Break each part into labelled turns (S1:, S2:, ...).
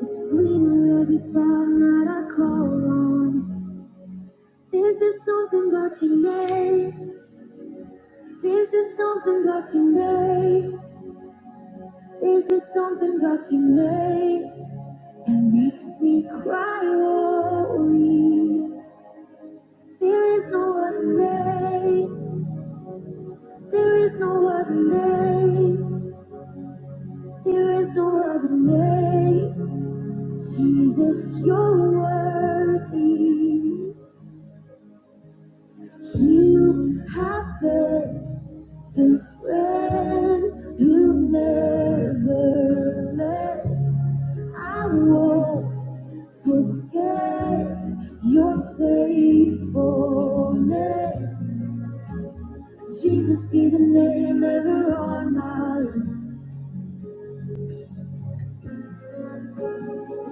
S1: It's sweeter every time that I call on. There's just something about your name. There's just something about your name. There's just something about your name that makes me cry. Holy. There is no other name. There is no other name. There is no other name. Jesus, you're worthy. You have been. The friend who never left. I won't forget your faithfulness. Jesus be the name ever on my lips.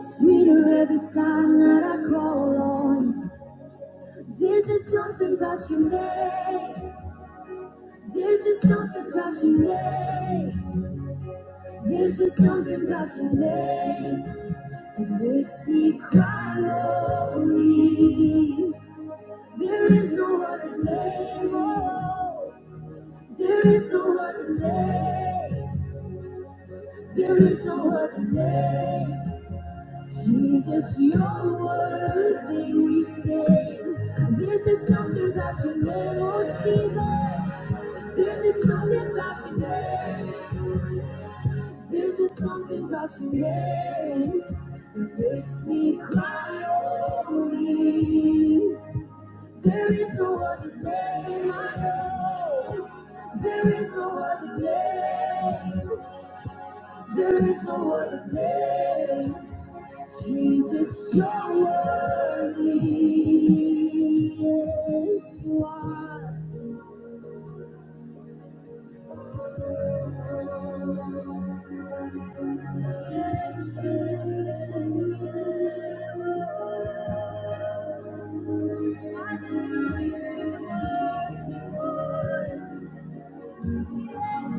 S1: Sweeter every time that I call on you. There's just something about your name. There's just something about your name. There's just something about your name. It makes me cry lonely. There is no other name. Oh, there is no other name. There is no other name. Jesus, you're worthy. We say there's just something about your name, oh Jesus. There's just something about your name. There's just something about your name that makes me cry over you. There is no other name I know. There is no other name. There is no other name. Jesus, you're worthy. Yes, you are. Jesus, I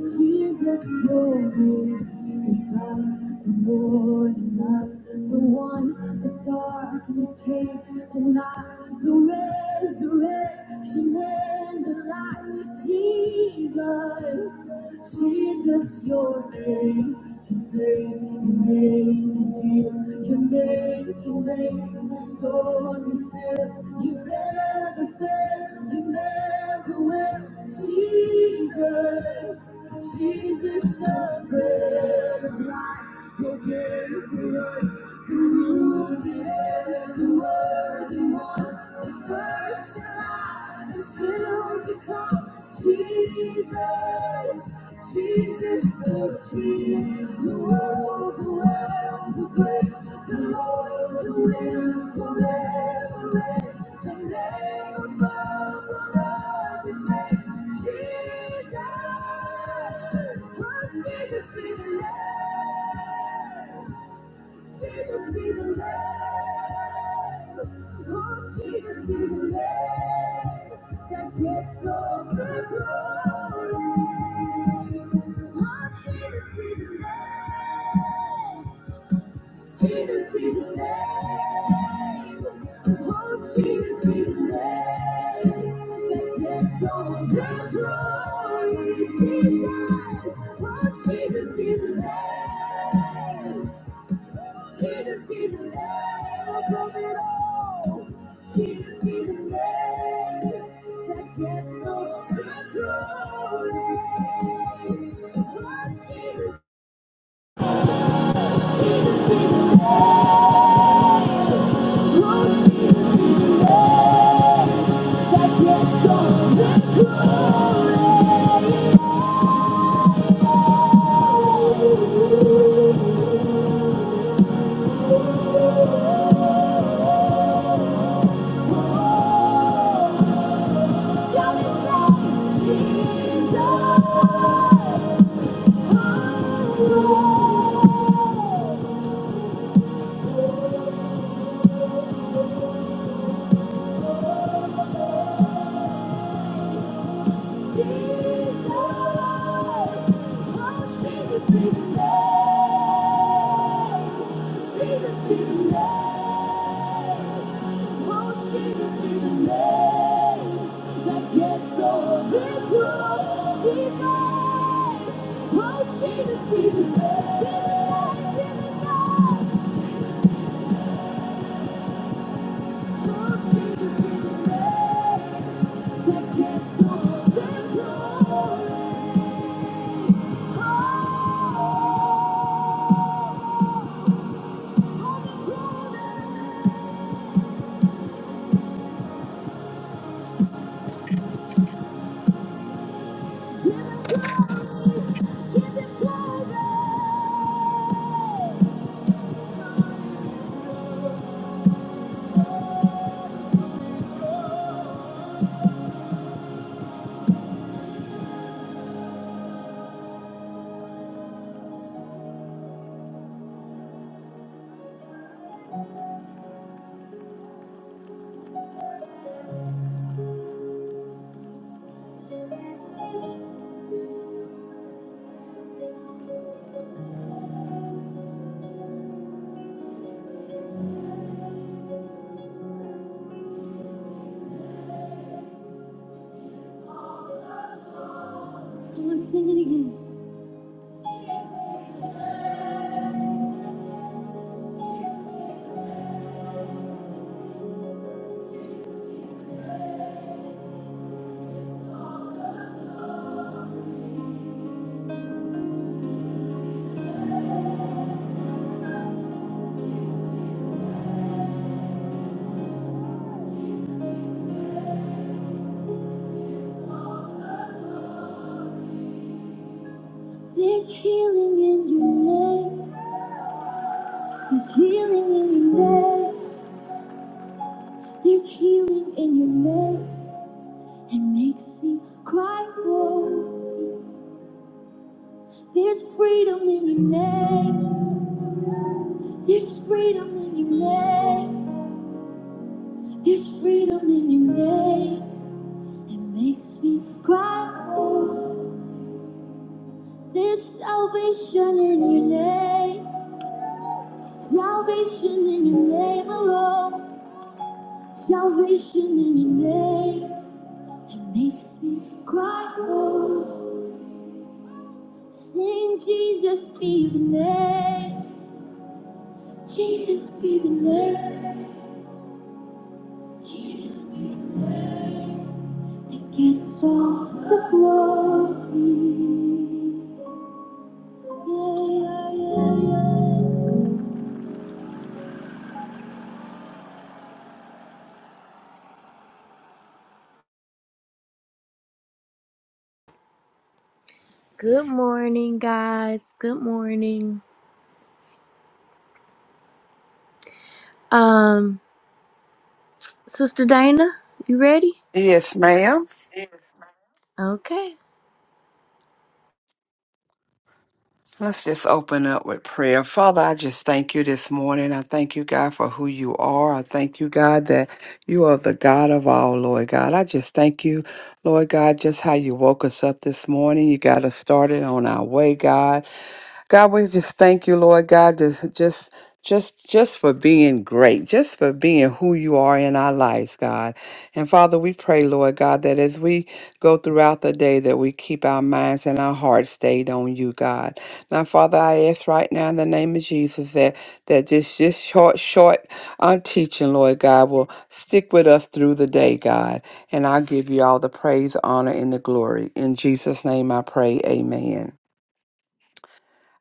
S1: Jesus, your name is light, the morning light, the one the darkness can't deny, the resurrection and the light. Jesus, Jesus, your name can save, your name can heal, your name can make the storm be still. You never fail, you never will, Jesus. Jesus, the bread of life, forgive for us who first and last and still to come. Jesus, Jesus, the King, who overwhelmed the grave, the Lord the will forever reign, the name above all other names. Jesus, let Jesus be the name. Jesus be the Lamb. Oh, Jesus be the Lamb that gets all the glory. Oh, Jesus be the Lamb. Jesus be the Lamb. Oh, Jesus be the Lamb that gets all the glory. Jesus. Oh, Jesus be the Lamb. Jesus be the name of it all. Jesus be the name that gets all the glory. Oh, Jesus, that gets all the glory. Jesus, oh, Jesus, oh, Jesus be the name. Jesus be the name. Give it glory. Come on, sing it again. There's healing in your name. There's healing in your name. There's healing in your name. It makes me cry. Whoa. There's freedom in your name. There's freedom in your name. There's freedom in your name. It makes me cry. Whoa. There's salvation in your name. Salvation in your name alone. Salvation in your name. Makes me cry. Oh, sing Jesus be the name. Jesus be the name. Jesus be the name. That gets all the glory. Yeah, yeah, yeah, yeah. Good morning, guys. Good morning. Um, Sister Dana, you ready?
S2: Yes, ma'am.
S1: Okay.
S2: Let's just open up with prayer. Father, I just thank you this morning. I thank you, God, for who you are. I thank you, God, that you are the God of all, Lord God. I just thank you, Lord God, just how you woke us up this morning. You got us started on our way, God. God, we just thank you, Lord God, just just just just for being great, just for being who you are in our lives, God. And Father, we pray, Lord God, that as we go throughout the day that we keep our minds and our hearts stayed on you, God. Now, Father, I ask right now in the name of Jesus that that just just short short on teaching, Lord God, will stick with us through the day, God. And I give you all the praise, honor, and the glory. In Jesus' name I pray. Amen.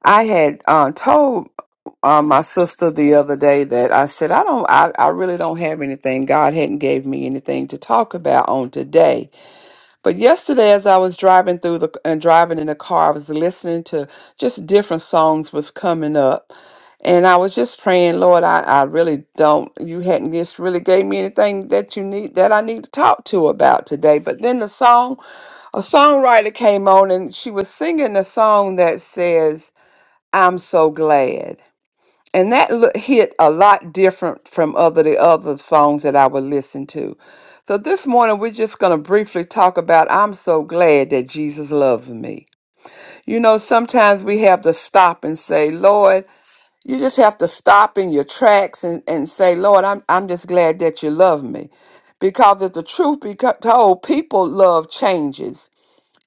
S2: I had uh, told uh, my sister the other day that I said I don't, I, I really don't have anything. God hadn't gave me anything to talk about on today. But yesterday, as I was driving through the and driving in the car, I was listening to just different songs was coming up, and I was just praying, Lord, I, I really don't. You hadn't just really gave me anything that you need that I need to talk to about today. But then the song, a songwriter came on and she was singing a song that says. I'm so glad. And that lo- hit a lot different from other the other songs that I would listen to. So this morning we're just going to briefly talk about I'm so glad that Jesus loves me. You know, sometimes we have to stop and say, Lord, you just have to stop in your tracks and, and say, Lord, I'm I'm just glad that you love me. Because if the truth be co- told, people love changes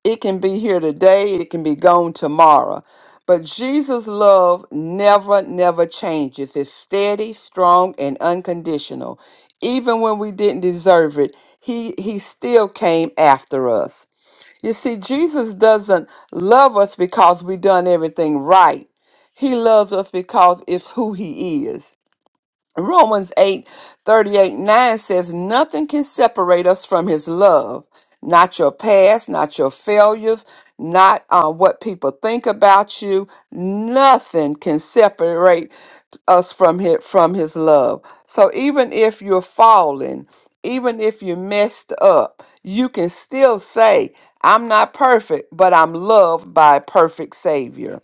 S2: it can be here today, it can be gone tomorrow. But Jesus' love never, never changes. It's steady, strong, and unconditional. Even when we didn't deserve it, he, he still came after us. You see, Jesus doesn't love us because we done everything right. He loves us because it's who he is. Romans eight thirty 9 says, Nothing can separate us from his love. Not your past, not your failures, not uh, what people think about you. Nothing can separate us from his, from his love. So even if you're falling, even if you messed up, you can still say, I'm not perfect, but I'm loved by a perfect Savior.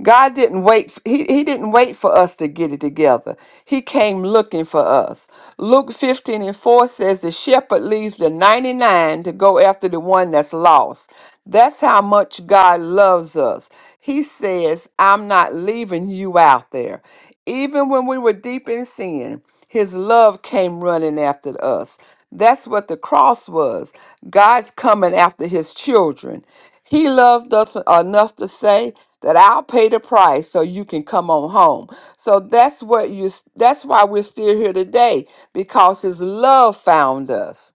S2: God didn't wait he, he didn't wait for us to get it together. He came looking for us. Luke 15 and 4 says the shepherd leaves the 99 to go after the one that's lost. That's how much God loves us. He says, "I'm not leaving you out there." Even when we were deep in sin, his love came running after us. That's what the cross was. God's coming after his children. He loved us enough to say that I'll pay the price so you can come on home. So that's what you that's why we're still here today because his love found us.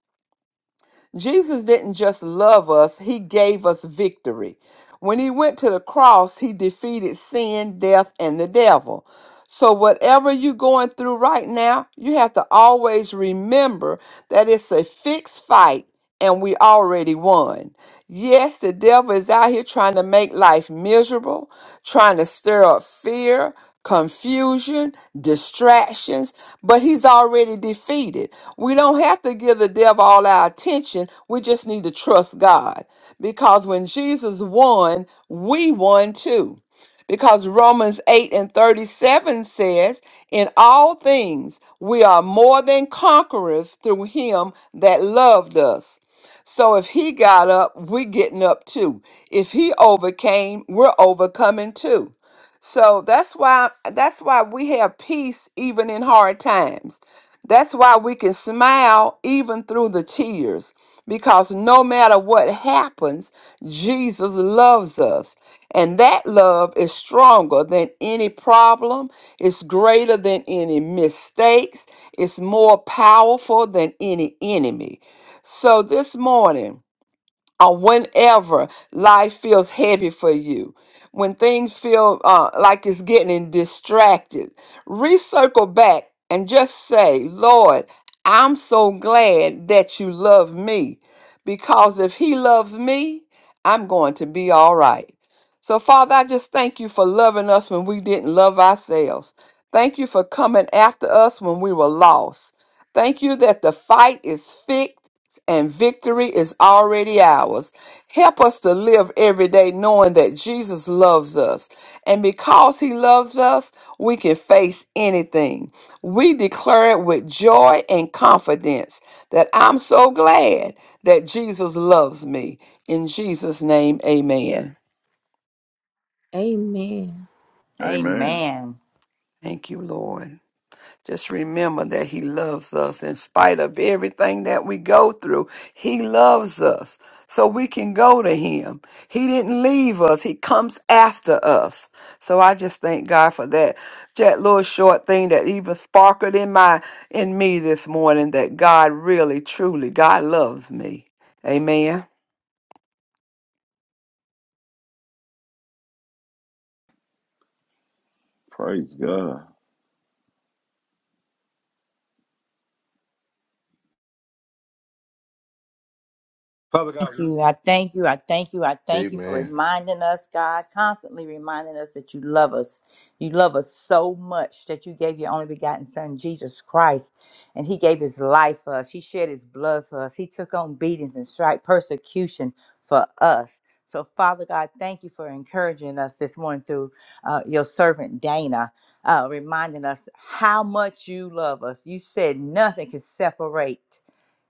S2: Jesus didn't just love us, he gave us victory. When he went to the cross, he defeated sin, death, and the devil. So, whatever you're going through right now, you have to always remember that it's a fixed fight and we already won. Yes, the devil is out here trying to make life miserable, trying to stir up fear, confusion, distractions, but he's already defeated. We don't have to give the devil all our attention. We just need to trust God because when Jesus won, we won too. Because Romans 8 and 37 says, In all things we are more than conquerors through him that loved us. So if he got up, we're getting up too. If he overcame, we're overcoming too. So that's why that's why we have peace even in hard times. That's why we can smile even through the tears because no matter what happens, Jesus loves us. And that love is stronger than any problem, it's greater than any mistakes, it's more powerful than any enemy. So this morning, or whenever life feels heavy for you, when things feel uh, like it's getting distracted, recircle back and just say, Lord, I'm so glad that you love me because if He loves me, I'm going to be all right. So, Father, I just thank you for loving us when we didn't love ourselves. Thank you for coming after us when we were lost. Thank you that the fight is fixed and victory is already ours. Help us to live every day knowing that Jesus loves us. And because he loves us, we can face anything. We declare it with joy and confidence that I'm so glad that Jesus loves me. In Jesus' name, amen.
S1: Amen.
S3: Amen.
S4: Amen.
S2: Thank you, Lord. Just remember that He loves us in spite of everything that we go through. He loves us so we can go to Him. He didn't leave us, He comes after us. So I just thank God for that. That little short thing that even sparkled in my in me this morning that God really, truly, God loves me. Amen.
S3: Praise God.
S5: Father God,
S4: Thank
S5: we
S4: you. I thank you. I thank you. I thank you for
S5: Amen.
S4: reminding us, God, constantly reminding us that you love us. You love us so much that you gave your only begotten Son, Jesus Christ, and He gave His life for us. He shed His blood for us. He took on beatings and stripe persecution for us. So, Father God, thank you for encouraging us this morning through uh, your servant Dana, uh, reminding us how much you love us. You said nothing can separate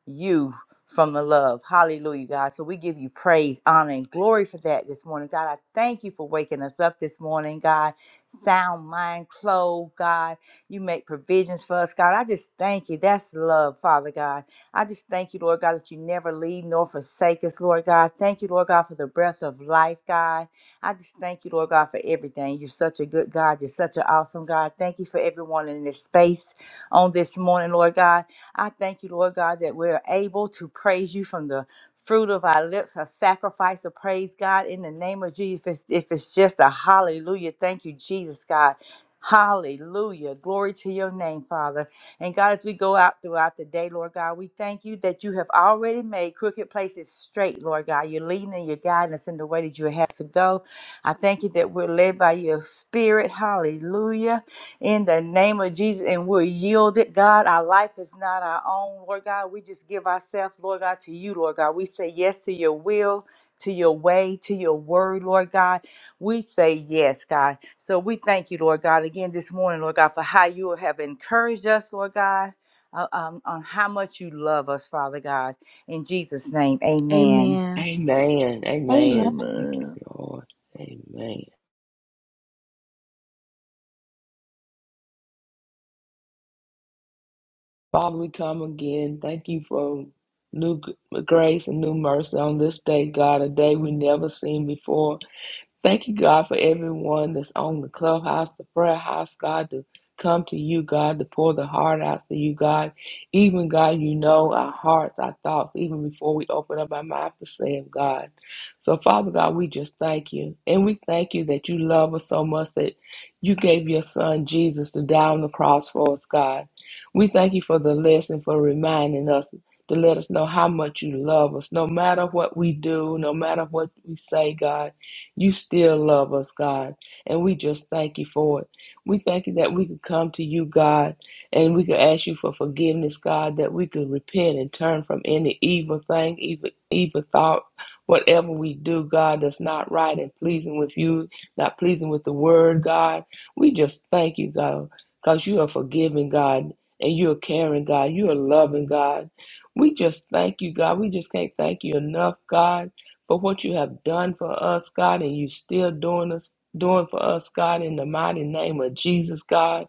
S4: you from the love. Hallelujah, God. So we give you praise, honor, and glory for that this morning. God, I thank you for waking us up this morning, God. Sound mind, clothed, God. You make provisions for us, God. I just thank you. That's love, Father God. I just thank you, Lord God, that you never leave nor forsake us, Lord God. Thank you, Lord God, for the breath of life, God. I just thank you, Lord God, for everything. You're such a good God. You're such an awesome God. Thank you for everyone in this space on this morning, Lord God. I thank you, Lord God, that we're able to praise you from the fruit of our lips, a sacrifice of praise, God, in the name of Jesus. If it's, if it's just a hallelujah, thank you, Jesus, God. Hallelujah. Glory to your name, Father. And God, as we go out throughout the day, Lord God, we thank you that you have already made crooked places straight, Lord God. You're leading and you're guiding us in the way that you have to go. I thank you that we're led by your spirit. Hallelujah. In the name of Jesus, and we're yielded, God. Our life is not our own, Lord God. We just give ourselves, Lord God, to you, Lord God. We say yes to your will, to your way, to your word, Lord God. We say yes, God. So we thank you, Lord God, again this morning, Lord God, for how you have encouraged us, Lord God, uh, um, on how much you love us, Father God. In Jesus' name, amen.
S6: Amen.
S7: Amen.
S6: Amen. Thank you,
S3: Amen.
S6: Lord. Amen. Father, we come again. Thank you for new g- grace and new mercy on this day, God, a day we never seen before. Thank you, God, for everyone that's on the clubhouse, the prayer house, God, to come to you, God, to pour the heart out to you, God. Even, God, you know our hearts, our thoughts, even before we open up our mouth to say it, God. So, Father God, we just thank you. And we thank you that you love us so much that you gave your son Jesus to die on the cross for us, God. We thank you for the lesson, for reminding us to let us know how much you love us, no matter what we do, no matter what we say, God. You still love us, God, and we just thank you for it. We thank you that we could come to you, God, and we could ask you for forgiveness, God, that we could repent and turn from any evil thing, evil, evil thought, whatever we do, God, that's not right and pleasing with you, not pleasing with the word, God. We just thank you, God, because you are forgiving, God, and you are caring, God. You are loving, God. We just thank you, God. We just can't thank you enough, God for what you have done for us, God, and you still doing us doing for us, God, in the mighty name of Jesus, God.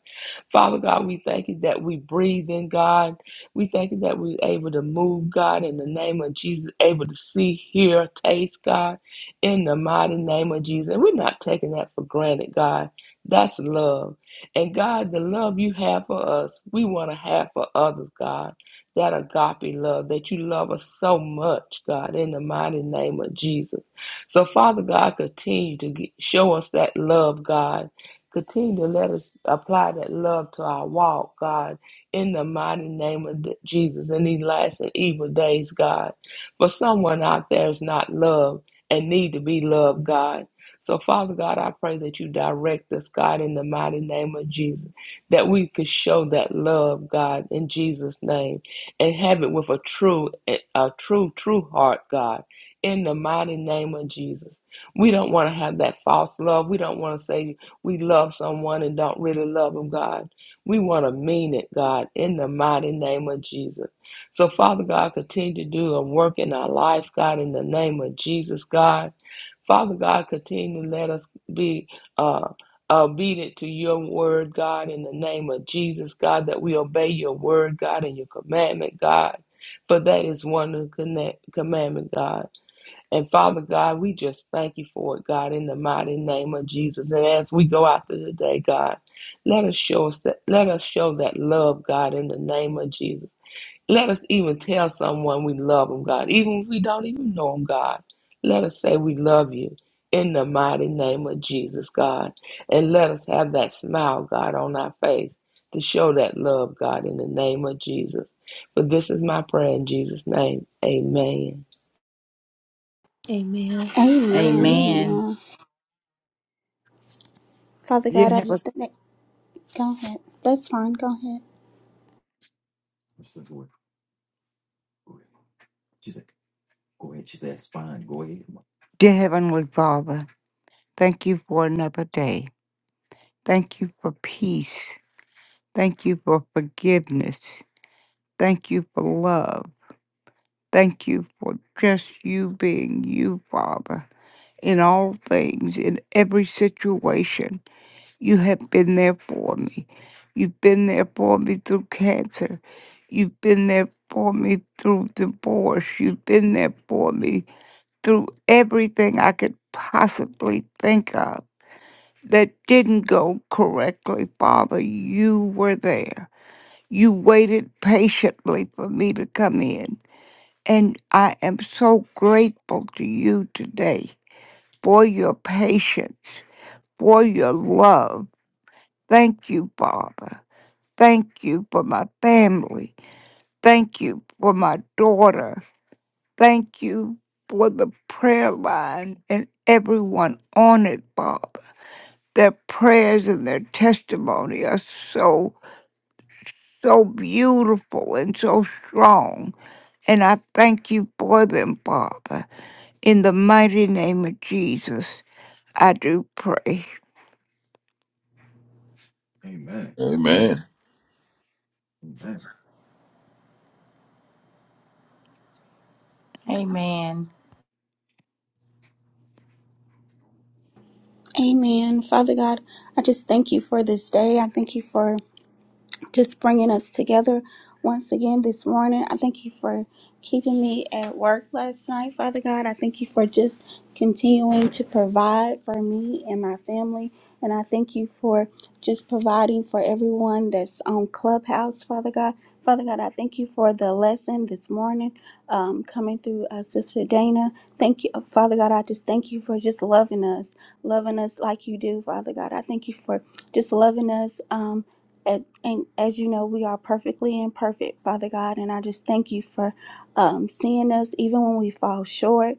S6: Father God, we thank you that we breathe in God. We thank you that we're able to move, God, in the name of Jesus, able to see, hear, taste, God, in the mighty name of Jesus. And we're not taking that for granted, God. That's love. And God, the love you have for us, we want to have for others, God. That agape love, that you love us so much, God, in the mighty name of Jesus. So, Father God, continue to g- show us that love, God Continue to let us apply that love to our walk, God, in the mighty name of the- Jesus in these last and evil days, God. For someone out there is not loved and need to be loved, God. So, Father God, I pray that you direct us, God, in the mighty name of Jesus, that we could show that love, God, in Jesus' name, and have it with a true, a true, true heart, God, in the mighty name of Jesus. We don't want to have that false love. We don't want to say we love someone and don't really love them, God. We want to mean it, God, in the mighty name of Jesus. So, Father God, continue to do a work in our lives, God, in the name of Jesus, God. Father God, continue to let us be uh, obedient to your word, God, in the name of Jesus, God, that we obey your word, God, and your commandment, God. For that is one of commandment, God. And Father God, we just thank you for it, God, in the mighty name of Jesus. And as we go out through the day, God, let us show us that let us show that love, God, in the name of Jesus. Let us even tell someone we love them, God. Even if we don't even know them, God. Let us say we love you in the mighty name of Jesus, God. And let us have that smile, God, on our face to show that love, God, in the name of Jesus. For this is my prayer in Jesus' name. Amen.
S1: Yeah.
S7: Amen.
S4: Amen.
S7: Amen. Father God, I just thank. go ahead. That's fine. Go ahead.
S8: for forgiveness. Thank you for love. Thank you for just you being you, Father, in all things, in every situation. You have been there for me. You've been there for me through cancer. You've been there for me through divorce. You've been there for me through everything I could possibly think of that didn't go correctly, Father. You were there You waited patiently for me to come in. And I am so grateful to you today for your patience, for your love. Thank you, Father. Thank you for my family. Thank you for my daughter. Thank you for the prayer line and everyone on it, Father. Their prayers and their testimony are so, so beautiful and so strong. And I thank you for them, Father. In the mighty name of Jesus, I do pray.
S3: Amen.
S4: Amen.
S7: Amen. Father God, I just thank you for this day. I thank you for just bringing us together once again this morning. I thank you for keeping me at work last night, Father God. I thank you for just continuing to provide for me and my family. And I thank you for just providing for everyone that's on Clubhouse, Father God. Father God, I thank you for the lesson this morning um, coming through uh, Sister Dana. Thank you, uh, Father God. I just thank you for just loving us, loving us like you do, Father God. I thank you for just loving us. Um, as, and as you know, we are perfectly imperfect, Father God, and I just thank you for um, seeing us even when we fall short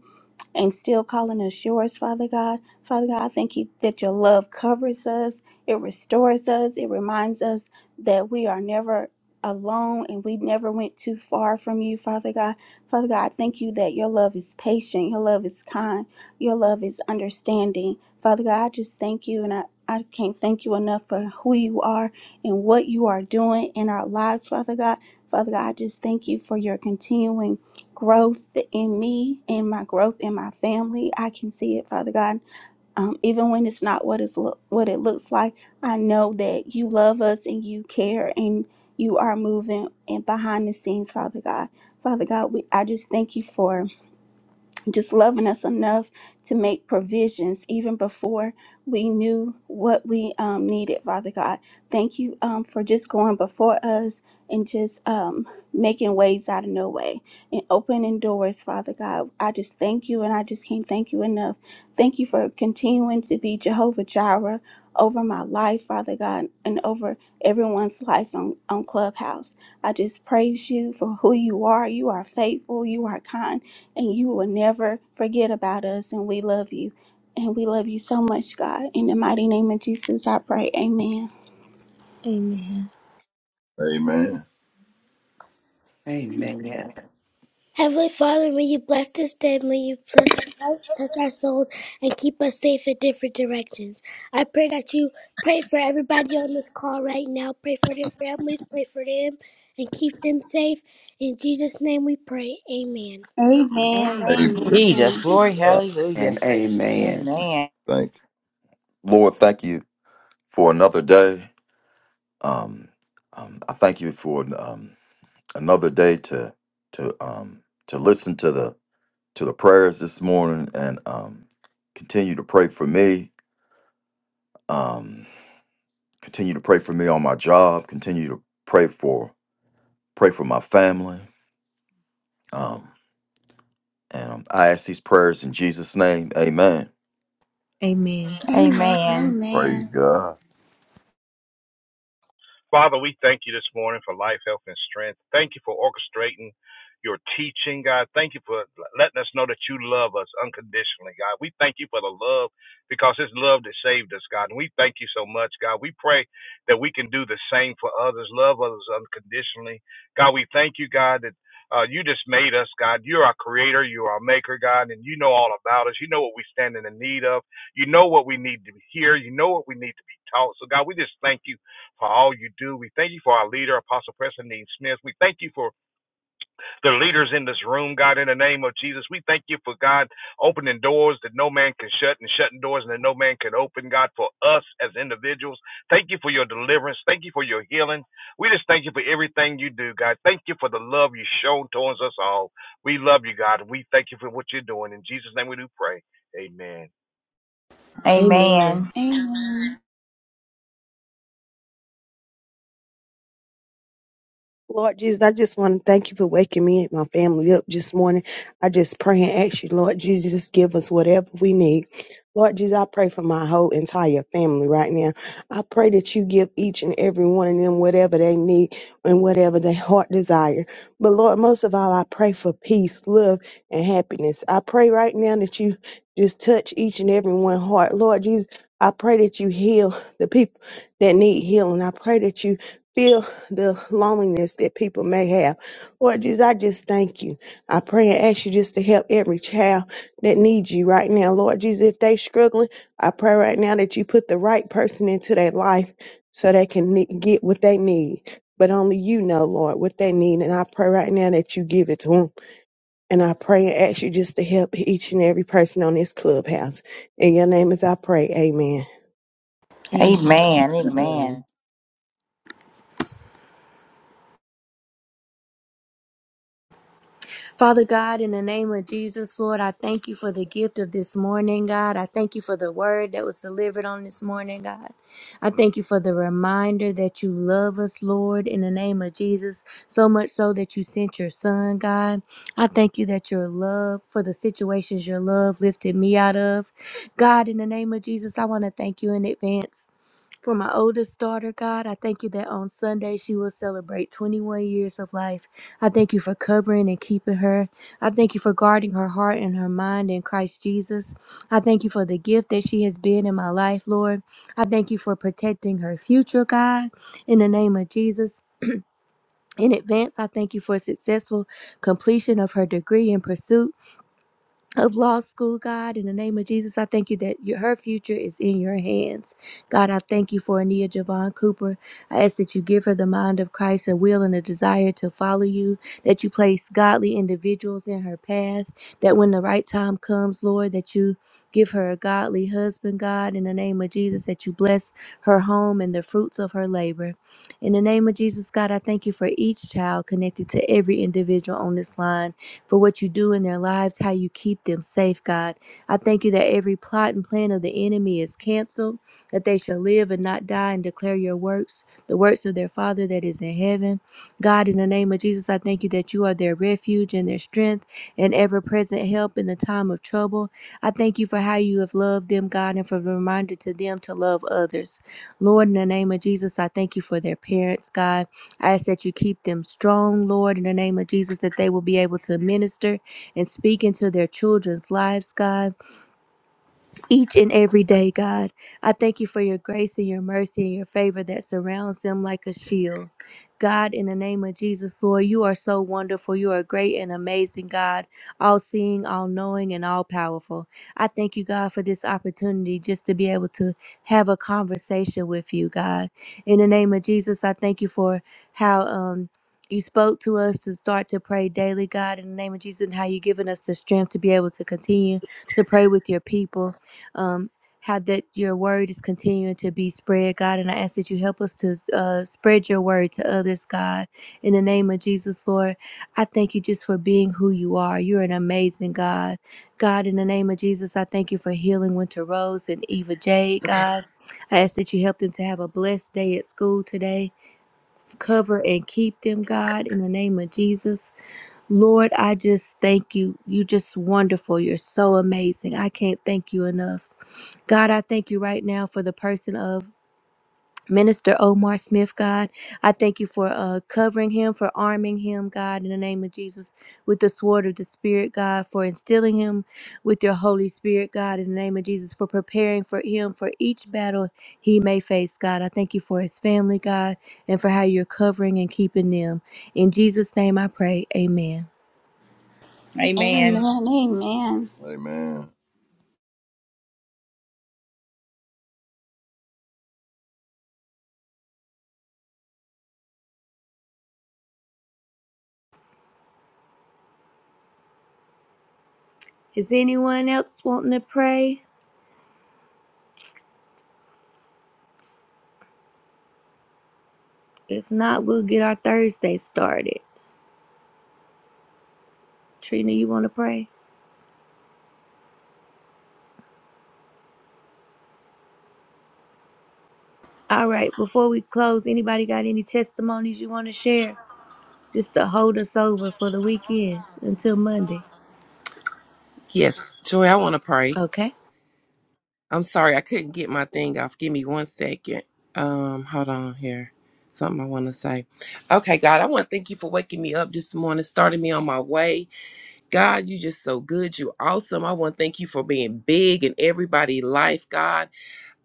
S7: and still calling us yours, Father God. Father God, I thank you that your love covers us, it restores us, it reminds us that we are never alone and we never went too far from you, Father God. Father God, I thank you that your love is patient, your love is kind, your love is understanding. Father God, I just thank you and I, I can't thank you enough for who you are and what you are doing in our lives, Father God. Father God, I just thank you for your continuing growth in me and my growth in my family. I can see it, Father God. Um, even when it's not what it's lo- what it looks like, I know that you love us and you care and you are moving and behind the scenes, Father God. Father God, we, I just thank you for just loving us enough to make provisions even before we knew what we um, needed, Father God. Thank you um, for just going before us and just um, making ways out of no way and opening doors, Father God. I just thank you and I just can't thank you enough. Thank you for continuing to be Jehovah Jireh over my life, Father God, and over everyone's life on, on Clubhouse. I just praise you for who you are. You are faithful, you are kind, and you will never forget about us. And we love you. And we love you so much, God. In the mighty name of Jesus, I pray. Amen.
S3: Amen.
S2: Amen
S9: Heavenly Father, may you bless this day, may you touch our lives, touch our souls, and keep us safe in different directions. I pray that you pray for everybody on this call right now. Pray for their families, pray for them, and keep them safe. In Jesus' name we pray. Amen.
S7: Amen.
S3: Amen.
S4: Jesus,
S7: Amen.
S3: Praise
S4: glory,
S3: God.
S4: hallelujah.
S2: and amen.
S4: Amen.
S3: Thank you.
S8: Lord, thank you for another day. Um, um, I thank you for um, another day to to um, to listen to the to the prayers this morning and um, continue to pray for me. Um, continue to pray for me on my job. Continue to pray for pray for my family. Um, and um, I ask these prayers in Jesus' name. Amen.
S1: Amen.
S7: Amen.
S4: Amen.
S3: Praise
S7: Amen.
S3: God.
S5: Father, we thank you this morning for life, health, and strength. Thank you for orchestrating your teaching, God. Thank you for letting us know that you love us unconditionally, God. We thank you for the love because it's love that saved us, God. And we thank you so much, God. We pray that we can do the same for others, love others unconditionally. God, we thank you, God, that uh, you just made us, God. You're our creator, you're our maker, God, and you know all about us. You know what we stand in the need of. You know what we need to hear. You know what we need to be taught. So, God, we just thank you for all you do. We thank you for our leader, Apostle Preston Dean Smith. We thank you for the leaders in this room, God, in the name of Jesus. We thank you for God opening doors that no man can shut and shutting doors that no man can open, God, for us as individuals. Thank you for your deliverance. Thank you for your healing. We just thank you for everything you do, God. Thank you for the love you show towards us all. We love you, God. and We thank you for what you're doing. In Jesus' name we do pray. Amen.
S4: Amen.
S7: Amen.
S10: Lord Jesus, I just want to thank you for waking me and my family up this morning. I just pray and ask you, Lord Jesus, just give us whatever we need. Lord Jesus, I pray for my whole entire family right now. I pray that you give each and every one of them whatever they need and whatever their heart desire. But Lord, most of all, I pray for peace, love, and happiness. I pray right now that you just touch each and every one heart. Lord Jesus, I pray that you heal the people that need healing. I pray that you feel the loneliness that people may have. Lord Jesus, I just thank you. I pray and ask you just to help every child that needs you right now. Lord Jesus, if they struggling, I pray right now that you put the right person into their life so they can ne- get what they need. But only you know, Lord, what they need. And I pray right now that you give it to them. And I pray and ask you just to help each and every person on this clubhouse. In your name as I pray, amen.
S1: Amen.
S4: Amen. Amen.
S2: Amen.
S1: Father God, in the name of Jesus, Lord, I thank you for the gift of this morning, God. I thank you for the word that was delivered on this morning, God. I thank you for the reminder that you love us, Lord, in the name of Jesus, so much so that you sent your son, God. I thank you that your love for the situations your love lifted me out of. God, in the name of Jesus, I want to thank you in advance. For my oldest daughter, God, I thank you that on Sunday she will celebrate 21 years of life. I thank you for covering and keeping her. I thank you for guarding her heart and her mind in Christ Jesus. I thank you for the gift that she has been in my life, Lord. I thank you for protecting her future, God, in the name of Jesus. In advance, I thank you for successful completion of her degree and pursuit of law school, God. In the name of Jesus, I thank you that your, her future is in your hands. God, I thank you for Ania Javon Cooper. I ask that you give her the mind of Christ, a will and a desire to follow you, that you place godly individuals in her path, that when the right time comes, Lord, that you give her a godly husband, God, in the name of Jesus, that you bless her home and the fruits of her labor. In the name of Jesus, God, I thank you for each child connected to every individual on this line for what you do in their lives, how you keep them safe, God. I thank you that every plot and plan of the enemy is canceled, that they shall live and not die and declare your works, the works of their Father that is in heaven. God, in the name of Jesus, I thank you that you are their refuge and their strength and ever present help in the time of trouble. I thank you for how you have loved them, God, and for the reminder to them to love others. Lord, in the name of Jesus, I thank you for their parents, God. I ask that you keep them strong, Lord, in the name of Jesus, that they will be able to minister and speak into their children's lives, God each and every day, God. I thank you for your grace and your mercy and your favor that surrounds them like a shield. God, in the name of Jesus, Lord, you are so wonderful. You are great and amazing, God, all seeing, all knowing, and all powerful. I thank you, God, for this opportunity just to be able to have a conversation with you, God. In the name of Jesus, I thank you for how um you spoke to us to start to pray daily, God, in the name of Jesus, and how you've given us the strength to be able to continue to pray with your people um, how that your word is continuing to be spread, God. And I ask that you help us to uh, spread your word to others, God. In the name of Jesus, Lord, I thank you just for being who you are. You're an amazing God. God, in the name of Jesus, I thank you for healing Winter Rose and Eva Jade, God. I ask that you help them to have a blessed day at school today. Cover and keep them, God, in the name of Jesus. Lord, I just thank you. You just wonderful. You're so amazing. I can't thank you enough. God, I thank you right now for the person of Minister Omar Smith, God. I thank you for uh, covering him, for arming him, God, in the name of Jesus, with the sword of the Spirit, God, for instilling him with your Holy Spirit, God, in the name of Jesus, for preparing for him for each battle he may face, God. I thank you for his family, God, and for how you're covering and keeping them. In Jesus' name I pray, amen.
S7: Amen.
S4: Amen.
S7: Amen.
S3: Amen.
S1: Is anyone else wanting to pray? If not, we'll get our Thursday started. Trina, you want to pray? All right, before we close, anybody got any testimonies you want to share? Just to hold us over for the weekend until Monday.
S11: Yes, Joy, I want to pray.
S1: Okay?
S11: I'm sorry I couldn't get my thing off. Give me one second. Um, hold on here. Something I want to say. Okay, God, I want to thank you for waking me up this morning, starting me on my way. God, you just so good. You awesome. I want to thank you for being big in everybody's life, God.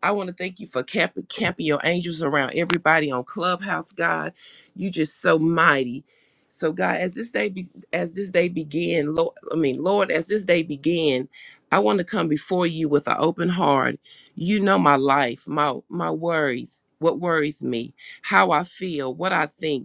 S11: I want to thank you for camping, camping your angels around everybody on Clubhouse, God. You just so mighty. So God, as this day be, as this day began, Lord, I mean, Lord, as this day began, I want to come before you with an open heart. You know my life, my my worries, what worries me, how I feel, what I think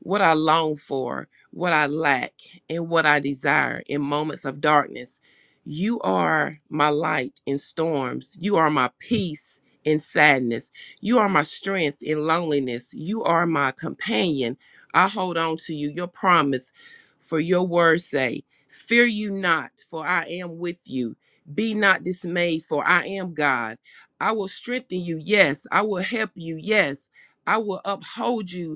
S11: what I long for, what I lack, and what I desire in moments of darkness. You are my light in storms. You are my peace in sadness. You are my strength in loneliness. You are my companion. I hold on to you, your promise, for your words say, Fear you not, for I am with you. Be not dismayed, for I am God. I will strengthen you. Yes, I will help you. Yes, I will uphold you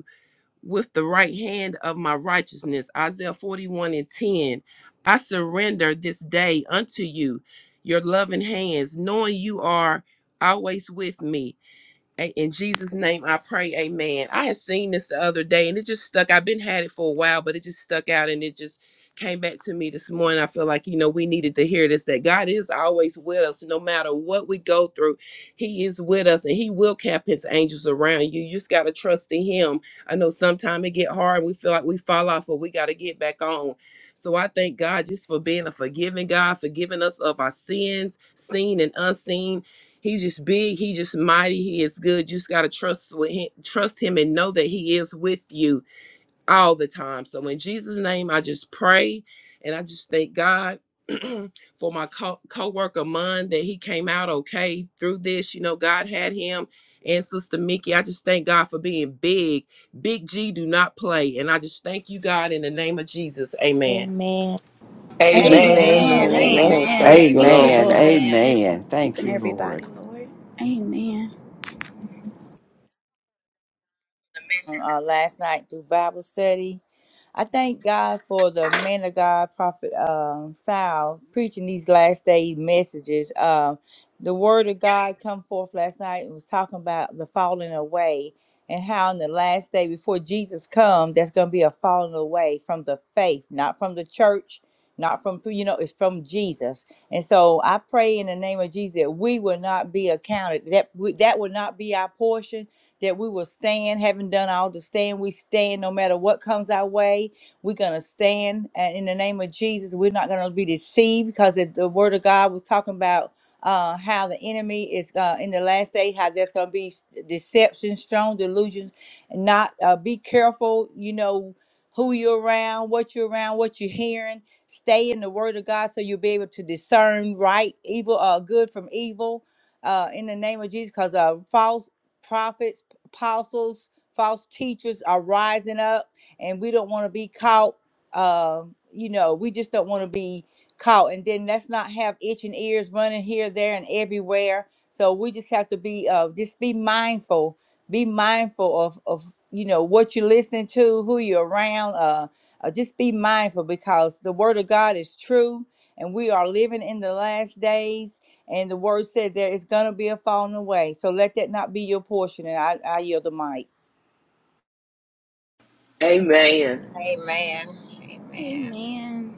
S11: with the right hand of my righteousness. Isaiah 41 and 10. I surrender this day unto you, your loving hands, knowing you are always with me. A- In Jesus' name, I pray, amen. I had seen this the other day and it just stuck. I've been had it for a while, but it just stuck out and it just came back to me this morning. I feel like, you know, we needed to hear this that God is always with us. No matter what we go through, He is with us and He will cap His angels around you. You just got to trust in Him. I know sometimes it get hard. We feel like we fall off, but we got to get back on. So I thank God just for being a forgiving God, forgiving us of our sins, seen and unseen He's just big. He just mighty. He is good. You just gotta trust with him, trust him, and know that he is with you all the time. So in Jesus' name, I just pray, and I just thank God for my co- co-worker Mun that he came out okay through this. You know, God had him and Sister Mickey. I just thank God for being big. Big G do not play, and I just thank you, God, in the name of Jesus. Amen.
S1: Amen.
S4: Amen.
S6: Amen, amen,
S7: Amen.
S12: Amen. Amen.
S4: Amen.
S6: amen.
S7: Amen.
S6: Thank you,
S7: Thank you,
S6: Lord.
S12: Amen.
S2: Amen.
S7: Lord. Thank
S4: Amen.
S7: you
S12: Amen.
S7: for
S2: Amen. Thank
S7: keeping
S2: you, Lord.
S7: everybody, Lord. Amen.
S4: Um, uh, last night through Bible study, I thank God for the man of God, Prophet um, Sal, preaching these last day messages. Um, the word of God come forth last night and was talking about the falling away and how in the last day before Jesus come, there's going to be a falling away from the faith, not from the church, not from, you know, it's from Jesus. And so I pray in the name of Jesus that we will not be accounted, that we, that will not be our portion that we will stand, having done all to stand, we stand no matter what comes our way. We're going to stand uh, in the name of Jesus. We're not going to be deceived because if the word of God was talking about uh, how the enemy is uh, in the last day, how there's going to be s- deception, strong delusions. and Not uh, be careful, you know, who you're around, what you're around, what you're hearing. Stay in the word of God so you'll be able to discern right, evil, uh, good from evil uh, in the name of Jesus because uh, false prophets apostles, false teachers are rising up, and we don't want to be caught. Uh, you know, we just don't want to be caught. And then let's not have itching ears running here, there, and everywhere. So we just have to be uh, just be mindful. Be mindful of of you know what you're listening to, who you're around. Uh, uh, just be mindful because the word of God is true, and we are living in the last days and the word said there is going to be a falling away. So let that not be your portion. And I, I yield the mic.
S6: Amen.
S12: Amen. Amen.
S7: Amen.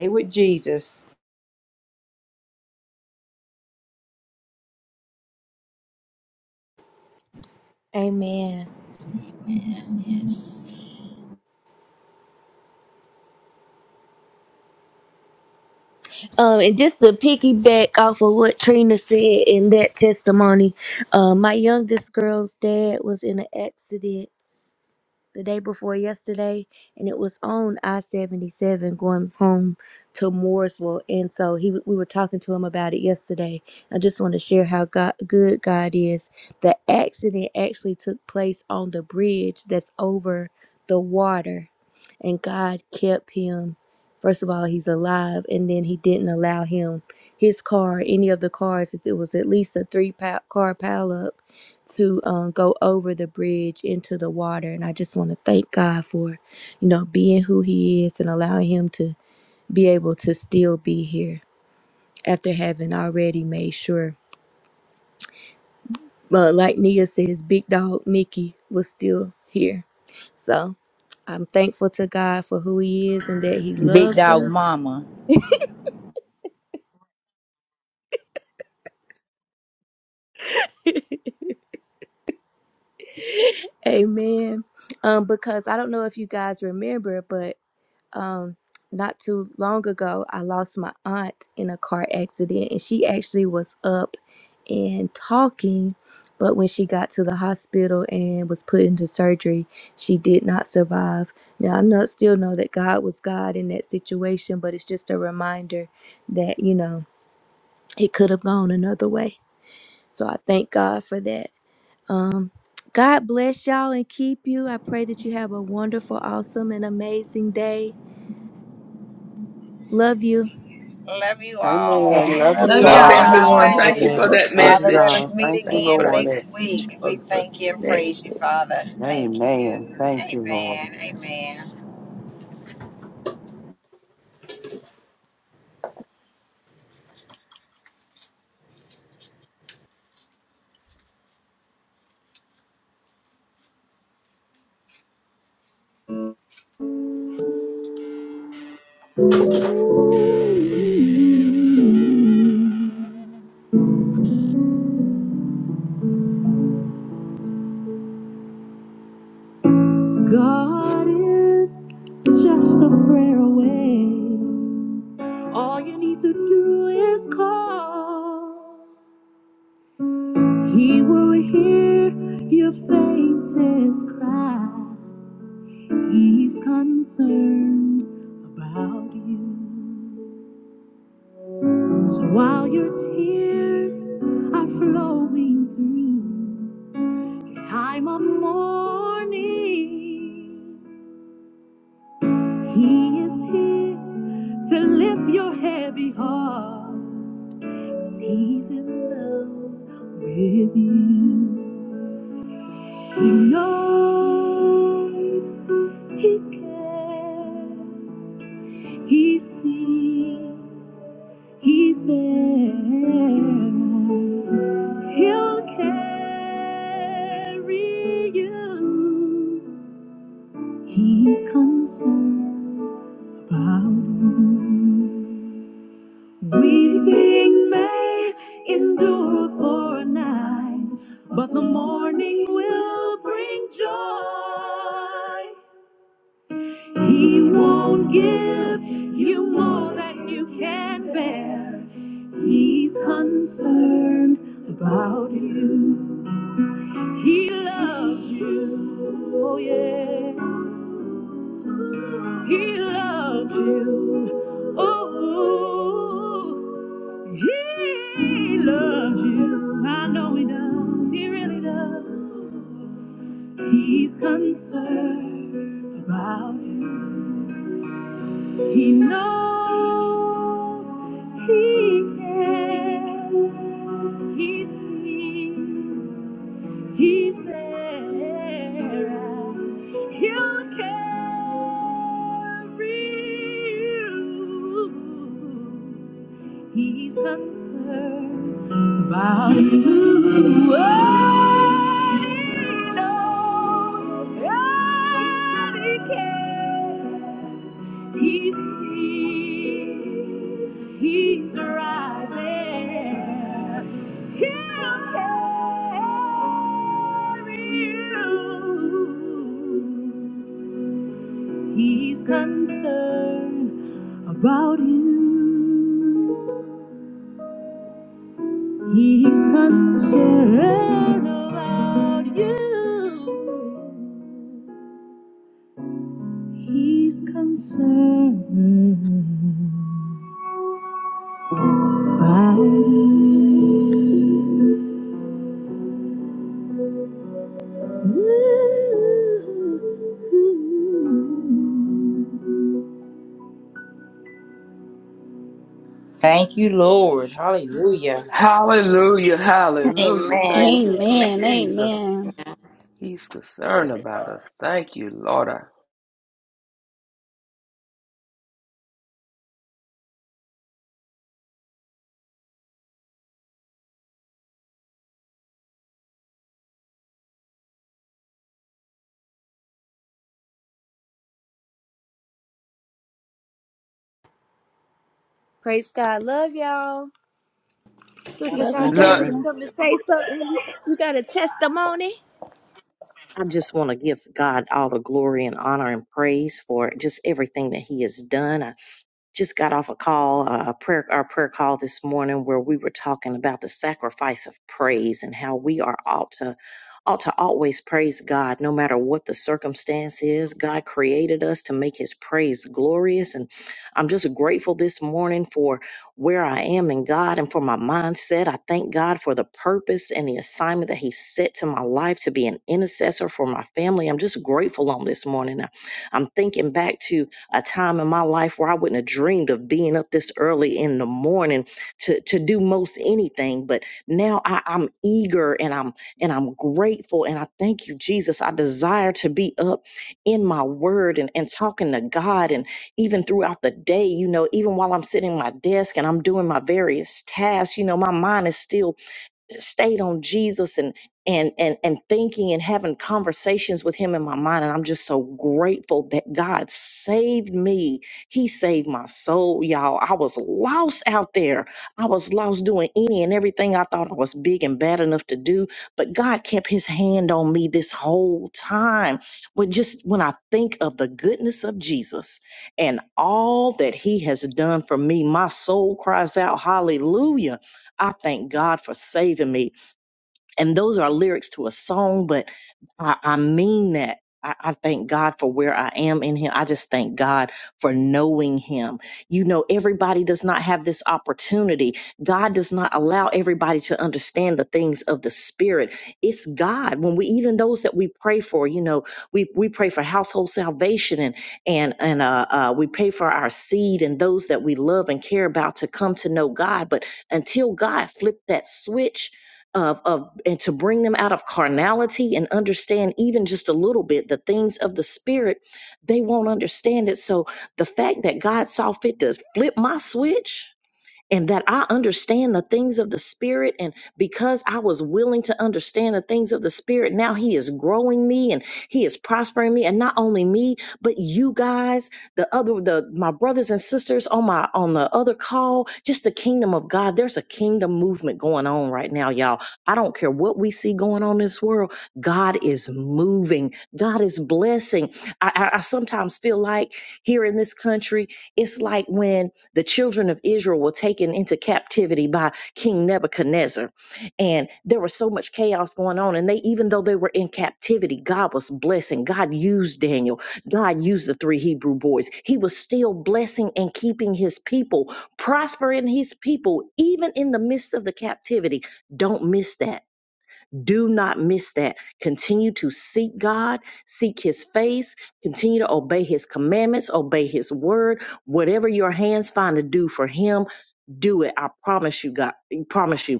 S4: It with Jesus,
S1: Amen.
S12: Amen. Yes.
S1: Um, and just to piggyback off of what Trina said in that testimony, uh, my youngest girl's dad was in an accident the day before yesterday, and it was on I seventy seven going home to Mooresville. And so he we were talking to him about it yesterday. I just want to share how God, good God is. The accident actually took place on the bridge that's over the water, and God kept him. First of all, he's alive, and then he didn't allow him his car, any of the cars. It was at least a three pa- car pileup to um, go over the bridge into the water. And I just want to thank God for, you know, being who He is and allowing Him to be able to still be here after having already made sure. But like Nia says, Big Dog Mickey was still here. So I'm thankful to God for who He is and that He
S4: big
S1: loves
S4: dog
S1: us.
S4: mama.
S1: Amen. Um, because I don't know if you guys remember, but um not too long ago i lost my aunt in a car accident and she actually was up and talking but when she got to the hospital and was put into surgery she did not survive now i know, still know that god was god in that situation but it's just a reminder that you know it could have gone another way so i thank god for that um god bless y'all and keep you i pray that you have a wonderful awesome and amazing day love you
S12: Love you
S11: Love
S2: Amen.
S11: you,
S12: all.
S11: too,
S7: Amen.
S2: Love
S12: Love
S2: you
S4: Love
S12: you
S7: Love
S6: Love
S11: Joy.
S2: all.
S4: y'all. God
S7: y'all. Have
S6: everyone.
S7: a
S4: bless
S7: good
S12: all.
S6: Thank
S4: you.
S6: you
S11: Amen.
S6: for
S7: day.
S3: God
S6: that
S3: bless.
S11: Love
S12: Father,
S11: you
S12: let
S6: message.
S11: all.
S12: us meet
S2: Thank you,
S6: Thank you for
S12: again
S6: that
S2: Lord.
S12: next
S6: message.
S12: week. We
S3: God bless.
S12: thank you and
S6: Next.
S12: praise you,
S6: one.
S12: Father. Thank
S2: Amen.
S12: you.
S2: Thank you, Lord.
S12: Amen. Amen.
S1: God is just a prayer away. All you need to do is call. He will hear your faintest cry. He's concerned about you. So while your tears are flowing through your time of mourning, He is here to lift your heavy heart. 'Cause he's in love with you. He knows, he cares, he sees, he's there. He'll carry you. He's concerned about you. Weeping may endure for a night, but the morning will bring joy. He won't give you more than you can bear. He's concerned about you. He loves you, oh yes. He loves you, oh. He loves you. I know he does. He really does. He's concerned about you. He knows he cares. He sees he's there. and He'll carry you. He's concerned about you. Oh, he knows and he cares. He's right there. He carry you. He's concerned about you. He's concerned about you.
S4: Thank you, Lord. Hallelujah.
S6: Hallelujah, hallelujah. Thank
S12: Amen.
S6: you,
S12: Amen.
S7: Amen.
S6: Jesus.
S7: Amen.
S6: He's
S5: Glory
S6: concerned
S5: be. to
S6: about us. Thank you, Lord. I
S1: Praise God. Love y'all. Sister
S13: Father
S7: Love
S13: God,
S7: you
S13: in the
S1: Shantae,
S6: love.
S1: you
S13: name,
S7: too.
S1: come to say something. You you got a testimony?
S13: I just want to give God all the glory and honor and praise for just everything that He has done. just got off a call, uh, a prayer, our prayer call this morning, where we were talking about the sacrifice of praise and how we are ought to ought to always praise God, no matter what the circumstance is. God created us to make His praise glorious, and I'm just grateful this morning for where I am in God and for my mindset. I thank God for the purpose and the assignment that He set to my life to be an intercessor for my family. I'm just grateful on this morning. I- I'm thinking back to a time in my life where I wouldn't have dreamed of being up this early in the morning to to do most anything. But now I, I'm eager and I'm and I'm grateful and I thank you, Jesus. I desire to be up in my word and, and talking to God and even throughout the day, you know, even while I'm sitting at my desk and I'm doing my various tasks, you know, my mind is still stayed on Jesus and and and and thinking and having conversations with him in my mind and I'm just so grateful that God saved me. He saved my soul, y'all. I was lost out there. I was lost doing any and everything I thought I was big and bad enough to do, but God kept his hand on me this whole time. When just when I think of the goodness of Jesus and all that he has done for me, my soul cries out hallelujah I thank God for saving me and those are lyrics to a song, but I, I mean that. I, I thank God for where I am in Him. I just thank God for knowing Him. You know, everybody does not have this opportunity. God does not allow everybody to understand the things of the Spirit. It's God. When we even those that we pray for, you know, we we pray for household salvation and and and uh, uh, we pray for our seed and those that we love and care about to come to know God. But until God flipped that switch, of of and to bring them out of carnality and understand even just a little bit the things of the spirit they won't understand it so the fact that god saw fit to flip my switch and that I understand the things of the spirit. And because I was willing to understand the things of the spirit, now he is growing me and he is prospering me. And not only me, but you guys, the other, the, my brothers and sisters on my, on the other call, just the kingdom of God. There's a kingdom movement going on right now, y'all. I don't care what we see going on in this world. God is moving. God is blessing. I, I, I sometimes feel like here in this country, it's like when the children of Israel were taken into captivity by King Nebuchadnezzar. And there was so much chaos going on. And they, even though they were in captivity, God was blessing. God used Daniel. God used the three Hebrew boys. He was still blessing and keeping his people, prospering his people, even in the midst of the captivity. Don't miss that do not miss that. Continue to seek God, seek His face, continue to obey His commandments, obey His word. Whatever your hands find to do for Him, do it. I promise you, God. Promise you.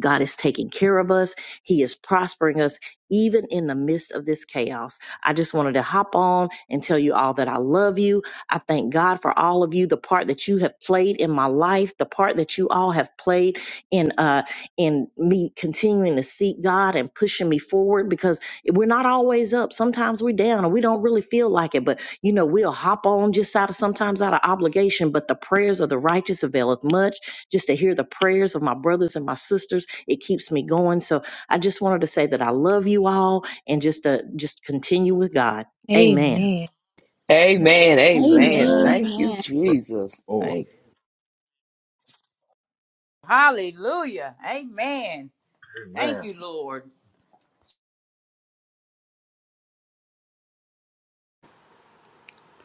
S13: God is taking care of us. He is prospering us even in the midst of this chaos. I just wanted to hop on and tell you all that I love you. I thank God for all of you, the part that you have played in my life, the part that you all have played in uh in me continuing to seek God and pushing me forward because we're not always up. Sometimes we're down and we don't really feel like it, but you know, we'll hop on just out of sometimes out of obligation, but the prayers of the righteous availeth much. Just to hear the prayers of my brothers and my sisters, it keeps me going. So I just wanted to say that I love you all and just to just continue with God. Amen.
S1: Amen.
S6: Amen, amen.
S7: Amen.
S3: Amen.
S6: Thank you,
S7: Amen.
S3: Praise
S6: Jesus.
S3: the Lord.
S6: Thank
S4: Hallelujah. Amen.
S5: God.
S4: Thank you,
S5: Amen.
S4: Lord.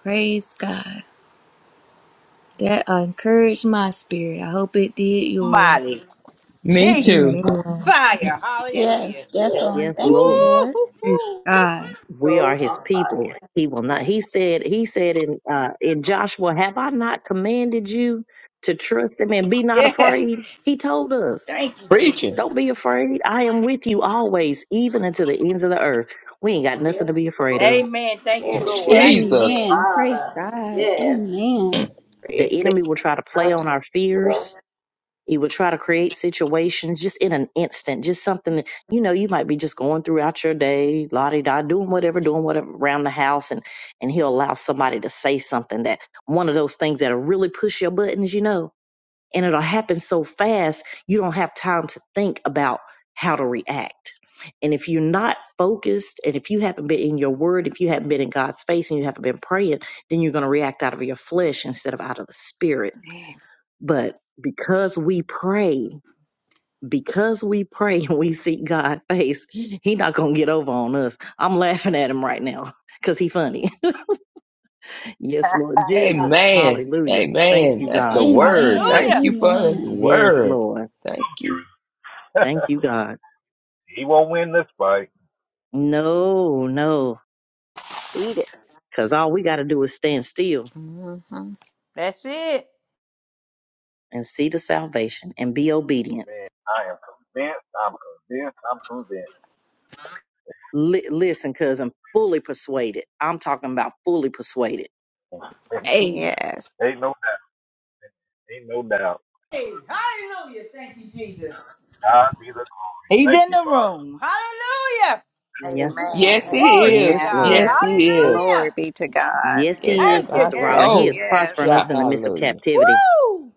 S1: Praise God. That encouraged my spirit. I hope it did yours.
S4: Mighty
S6: you. Me
S4: Jesus.
S6: too.
S1: Amen.
S4: Fire.
S12: Yes.
S4: Hallelujah.
S7: Yes,
S12: Yes.
S7: definitely.
S13: Yes,
S12: Yes.
S7: Thank you,
S13: Lord.
S7: Lord.
S1: Praise
S4: Woo-hoo-hoo.
S1: God.
S13: We are
S12: Goes
S13: his
S12: on
S13: people.
S12: fire.
S13: He will not.
S12: Amen.
S13: He said, he said in uh in Joshua, have I not commanded you to trust him and be not
S4: Yeah.
S13: afraid? He told us.
S4: Thank you, Jesus.
S6: Preaching.
S13: Don't be afraid. I am with you always, even unto the ends of the earth. We ain't got nothing to
S12: Yes.
S13: be afraid of.
S4: Amen. Thank you,
S12: Yes.
S4: Lord. I need
S6: Jesus.
S4: that.
S7: Amen. Praise
S12: Father.
S7: God.
S12: Yes.
S7: Amen.
S12: For
S13: The
S12: your good
S13: enemy will try to play on
S12: mercy.
S13: our fears.
S12: Yes.
S13: He will try to create situations just in an instant, just something that, you know, you might be just going throughout your day, la di da, doing whatever, doing whatever around the house, and and he'll allow somebody to say something that one of those things that'll really push your buttons, you know and it'll happen so fast you don't have time to think about how to react and if you're not focused and if you haven't been in your word if you haven't been in god's face, and you haven't been praying then you're going to react out of your flesh instead of out of the spirit but because we pray because we pray and we seek god's face He's not going to get over on us i'm laughing at him right now because He's funny yes lord jesus
S6: Amen.
S13: hallelujah thank
S6: Amen.
S13: you
S4: On
S6: That's the
S13: god
S4: us.
S6: word.
S7: Amen.
S6: Thank
S4: Hallelujah.
S6: you for the
S7: Amen.
S13: yes
S6: word.
S13: lord
S6: Thank you.
S13: thank you god
S5: he won't win this fight.
S13: No, no,
S12: Eat it.
S13: because all we got to do is stand still
S12: hmm
S4: That's it.
S13: and see the salvation and be obedient.
S5: I am convinced. that.
S13: Li- listen, because I'm fully persuaded. I'm talking about fully persuaded.
S12: Yes.
S5: Ain't no, ain't no doubt.
S4: Hey, hallelujah. Thank you, Jesus.
S5: God be the.
S4: He's
S5: Thank
S4: in
S5: you,
S4: the
S5: Father.
S4: room. Hallelujah.
S13: Yeah.
S6: Yes,
S12: Amen.
S6: it
S4: Glory to
S6: is.
S13: Yes,
S12: Amen.
S4: God.
S13: Lord.
S6: Yes, it
S12: Yes.
S6: is.
S12: Glory
S4: Hallelujah.
S12: be to God.
S13: Yes,
S6: Yes,
S13: He is,
S4: Thank
S12: Yes.
S4: you,
S6: my
S13: Sister Robin. He
S12: Yes.
S4: Jesus.
S13: is
S6: soul
S13: prospering
S12: Yes.
S6: shout
S13: us in the midst of
S6: hallelujah.
S13: captivity.
S4: Woo!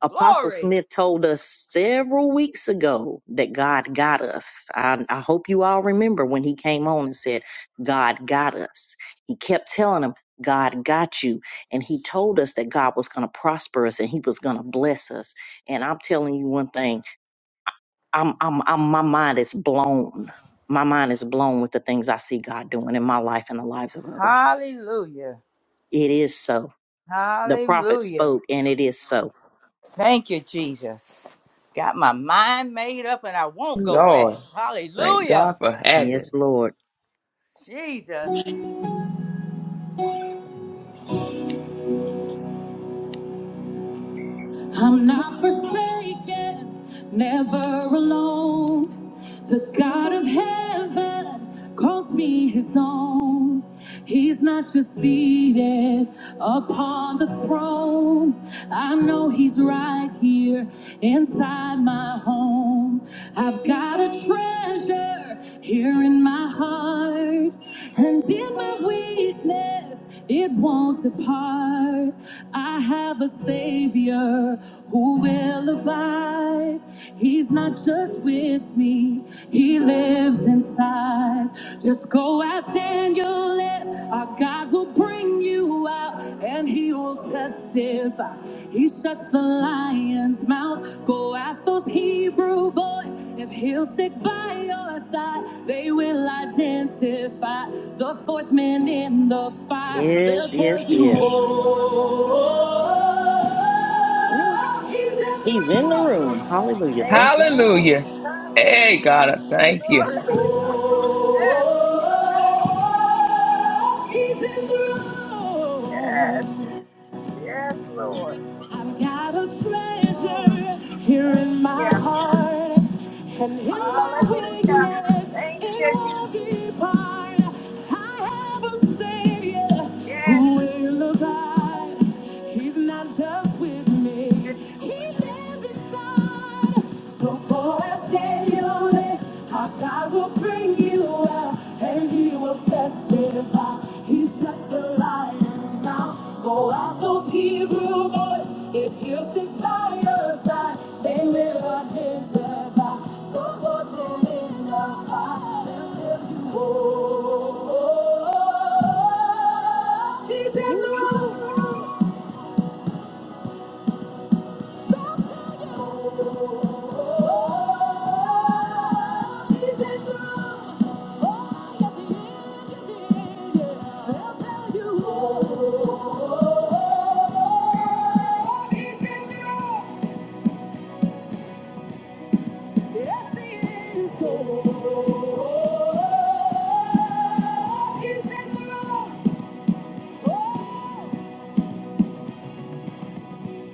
S13: Apostle
S4: Glory.
S13: Smith told us several weeks ago that God got us. I, I hope you all remember when he came on and said, God got us. He kept telling him, God got you. And he told us that God was going to prosper us and he was going to bless us. And I'm telling you one thing, I'm, I'm, I'm, my mind is blown. My mind is blown with the things I see God doing in my life and the lives of others.
S4: Hallelujah.
S13: It is so. The prophet
S4: Hallelujah.
S13: spoke and it is so.
S4: Thank you, Jesus. Got my mind made up and I won't go back.
S6: Lord, thank
S4: Hallelujah.
S6: God for
S13: Yes,
S6: having.
S13: Lord.
S4: Jesus.
S1: I'm not forsaken, never alone. The God of heaven calls me his own. He's not just seated upon the throne. I know he's right here inside my home. I've got a treasure here in my heart. And in in my weakness, it won't depart. I have a Savior who will abide. He's not just with me, He lives inside. Just go ask Daniel if our God will bring you out and he will testify. He shuts the lion's mouth. Go ask those Hebrew boys if he'll stick by your side. They will identify the fourth man in the fire.
S13: Yes,
S1: They'll tell
S13: yes,
S1: you,
S13: yes.
S1: oh, oh,
S13: Yeah,
S1: oh, oh, he's in the
S13: he's
S1: room.
S13: in the room. Hallelujah. Thank you,
S12: Amen.
S13: Jesus.
S6: Hallelujah. Hey, God,
S12: Hallelujah.
S6: I thank you.
S12: Glory be to
S1: Oh, oh,
S12: God.
S1: oh, oh, he's in the room.
S12: Yes. Yes, Lord.
S1: I've got a
S12: Mm,
S1: treasure here in
S12: thank
S1: my
S12: you.
S1: heart, and in my
S12: Hallelujah.
S1: weakness,
S12: Thank
S1: it
S12: you. Je-
S1: won't depart. I have a Savior
S12: Yes.
S1: who will abide. He's not just with me,
S12: Yes, Lord.
S1: He
S12: Thank you.
S1: lives inside. So for as daily, our God God will bring you out and he will testify. He's just the lion's mouth. Go out those Hebrew boys. If you stick by your side, they will identify. Go put them in the fire. They'll tell you, oh, he's in
S13: Yeah.
S1: the room. Oh!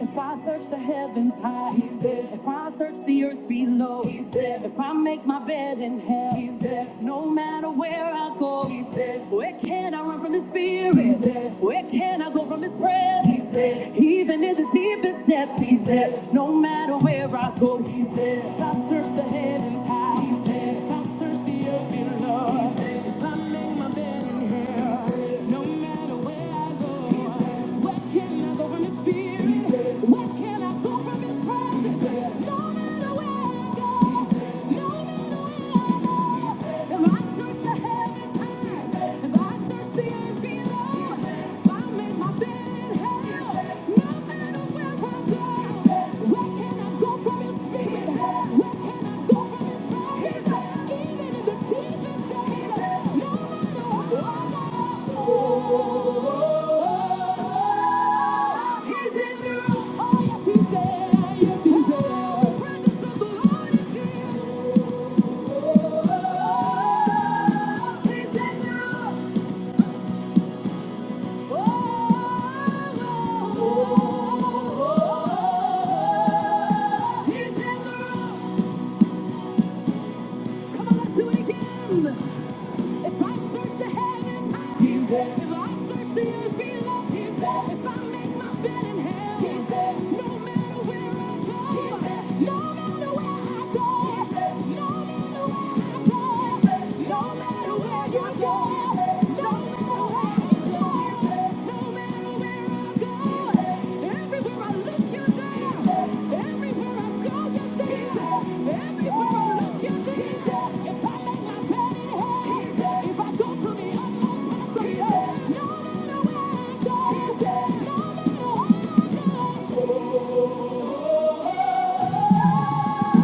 S1: If I search the heavens high, He's there. if I search the earth below, He's there. if I make my bed in hell, He's there. no matter where I go, He's there. where can I run from His spirit? He's there. Where can I go from His presence? He's there. Even in the deepest depths, He's there. No matter where I go, He's there. If I search the heavens high, He's there. if I search the earth below, He's there. if I make my bed in hell, He's there. no matter where I go. He's there. Where can I go from his spirit? Where can I go from his presence? No matter where I go, no matter where I go. If I search the heavens high, if I search the earth below, if I make my bed in hell, no matter where I go. Where can I go from his spirit? Where can I go from his presence? Even in the deepest days, no matter what. He's in the room. Oh, yes, he's there. Yes, he's there. The presence of the Lord is here. He's in the room. Oh, oh, oh, oh. He's in the room. Come on, let's do it again. If I search the heavens high, He's there. if I search the earth below, He's there. if I make my bed in hell, He's there. no matter where I go, He's there. no matter where I go, He's there. no matter where I go, He's there. no matter where you go, He's there. no matter where I go, no matter where I go. Everywhere I look, you there. Everywhere I go, you there. Everywhere I look, you there. If I lay my bed in hell, if I go to the utmost possible, no matter where I go, no matter what I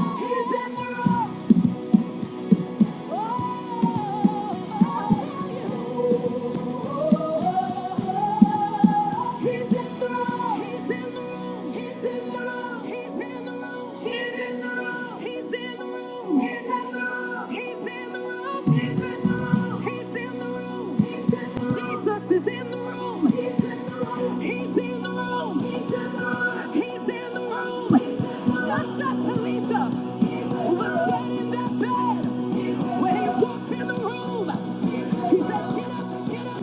S1: do, He's in the room. Jesus is in the room. He's in the room. He's in the room. He's in the room. Just as Talisa was dead in that bed, when he walked in the room, he said, "Get up, get up,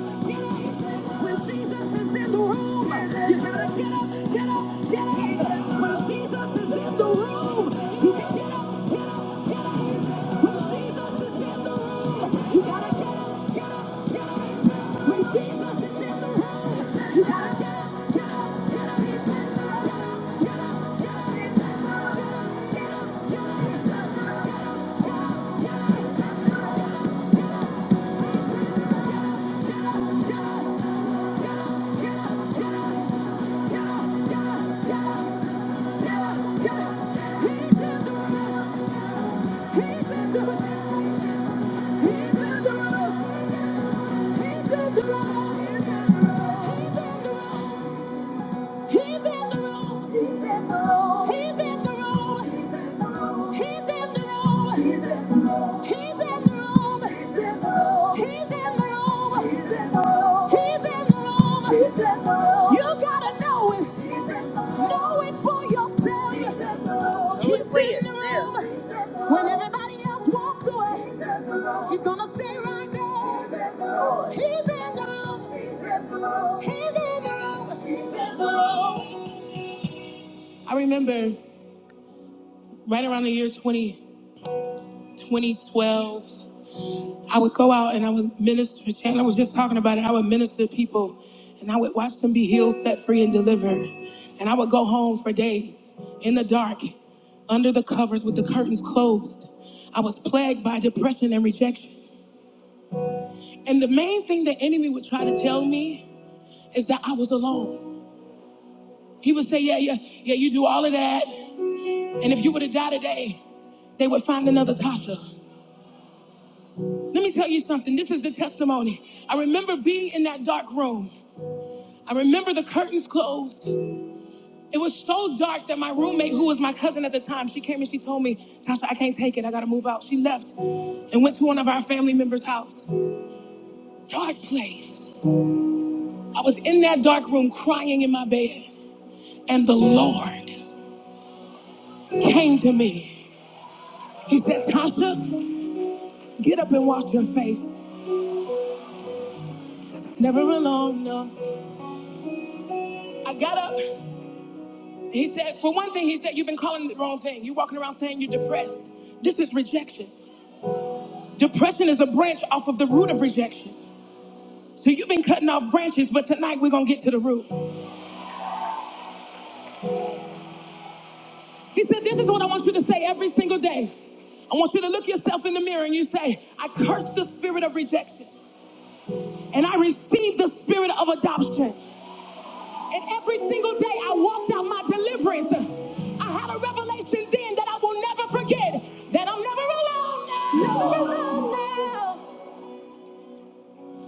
S1: get up." When Jesus is in the room, you gotta get up, get up, get up. When Jesus is in the room, you can get up, get up. get up. He's in the room. He's in the room, He's in the room. He's in the room. He's in the room. He's in the room. He's in the room. He's in the room. He's in the room. He's in the room. He's in the room. He's in the room. He's in the room. He's in the room. You gotta know it. He's in the room. Know it for yourself. He's in the room. He's Know it for in the yourself. room. He's in the room. When everybody else walks away, he's, in the room. he's gonna stay right there. He's in the room. He's in the room. He's in the room. He's in the room. He's in the room. around the year 20, twenty twelve, go out and I was minister, Chandler was just talking about it. I would minister to people and I would watch them be healed, set free, and delivered. And I would go home for days in the dark, under the covers with the curtains closed. I was plagued by depression and rejection. And the main thing the enemy would try to tell me is that I was alone. He would say, Yeah, yeah, yeah, you do all of that. And if you were to die today, they would find another Tasha. Let me tell you something. This is the testimony. I remember being in that dark room. I remember the curtains closed. It was so dark that my roommate, who was my cousin at the time, she came and she told me, Tasha, I can't take it. I got to move out. She left and went to one of our family members' house. Dark place. I was in that dark room crying in my bed and the Lord came to me. He said, Tasha, get up and wash your face. Never alone, no. I got up. He said, for one thing, he said, you've been calling it the wrong thing. You're walking around saying you're depressed. This is rejection. Depression is a branch off of the root of rejection. So you've been cutting off branches, but tonight we're going to get to the root. He said, this is what I want you to say every single day. I want you to look yourself in the mirror and you say, I curse the spirit of rejection and I receive the spirit of adoption. And every single day I walked out my deliverance. I had a revelation then that I will never forget that I'm never alone now. Never alone now.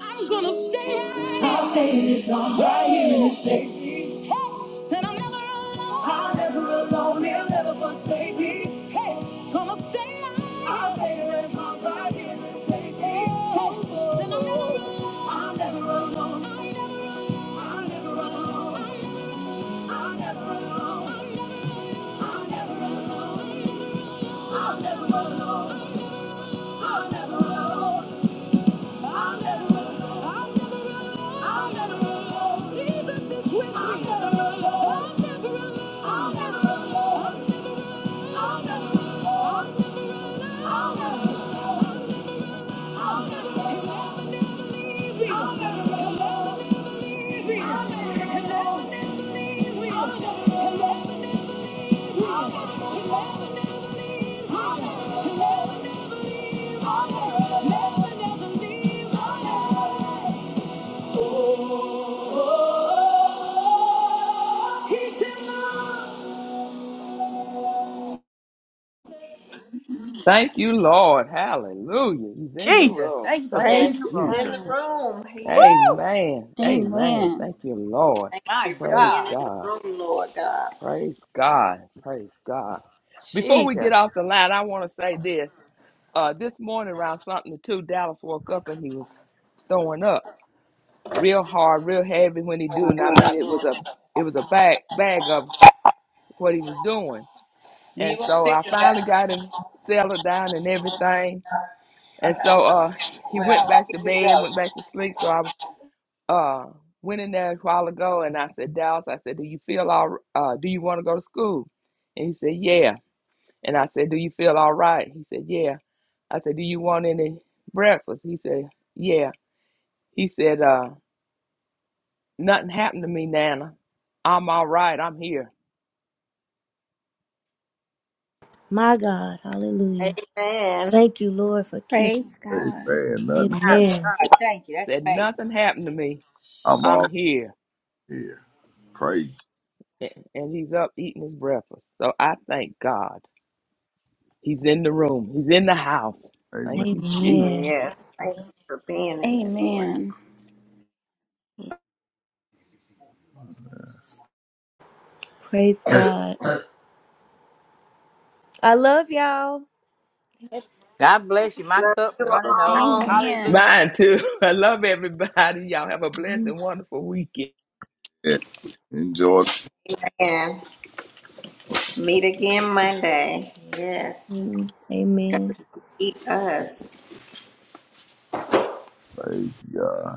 S1: I'm gonna stay out. Hey, said I'm never alone. Gonna stay out. Hey, said I'm never alone.
S6: Thank you, Lord. Hallelujah. He's in the
S4: Jesus.
S6: room.
S4: Thank you for
S6: Thank
S4: being
S12: Yes,
S6: you,
S4: in
S7: Praise
S4: the
S12: he's
S4: room.
S12: in
S6: Jesus.
S12: the
S7: God.
S12: room. He is.
S4: Woo!
S6: Amen. Amen.
S7: Amen.
S6: Thank you, Lord.
S12: Thank you
S4: My
S12: for
S6: Praise
S12: being in
S4: God.
S12: the
S6: God.
S12: room, Lord God.
S6: Praise God. Praise God. Before we get
S4: Jesus.
S6: off the line, I want to say this. Uh, this morning around something to two, Dallas woke up and he was throwing up real hard, real heavy when he do. And I mean, it was a it was a bag bag of what he was doing.
S4: Do You
S6: And
S4: want to
S6: so
S4: stick
S6: I
S4: to
S6: finally
S4: that?
S6: got him settled down and everything. And
S4: Okay.
S6: so uh, he
S4: Well,
S6: went back to
S4: I'm good to
S6: bed,
S4: go.
S6: went back to sleep. So I uh, went in there a while ago and I said, Dallas, I said, do you feel all? r- Uh, do you want to go to school? And he said, yeah. And I said, Do you feel all right? He said, Yeah. I said, Do you want any breakfast? He said, Yeah. He said, uh, Nothing happened to me, Nana. I'm all right. I'm here.
S1: My God, hallelujah.
S12: Amen.
S1: Thank you, Lord, for keeping.
S7: Praise God.
S3: Amen. Nothing
S4: My
S3: happened.
S4: God,
S1: Amen.
S4: thank you. That's
S6: Said, Nothing
S4: faith.
S6: happened to me.
S3: I'm all
S6: I'm here.
S3: here. Praise.
S6: And he's up eating his breakfast. So I thank God. He's in the room, he's in the house.
S3: Amen.
S6: Thank you,
S1: Amen.
S6: Jesus.
S12: Yes, thank you for being in it, Lord.
S7: Amen.
S1: Praise God. I love y'all.
S4: God bless you. My
S12: Love
S4: cup's
S12: you
S4: running over.
S12: all.
S4: Hallelujah.
S7: Amen.
S6: Mine too. I love everybody. Y'all have a blessed and wonderful weekend.
S3: Enjoy.
S12: And meet again Monday. Yes.
S1: Mm, Amen.
S12: Eat us.
S3: Praise God.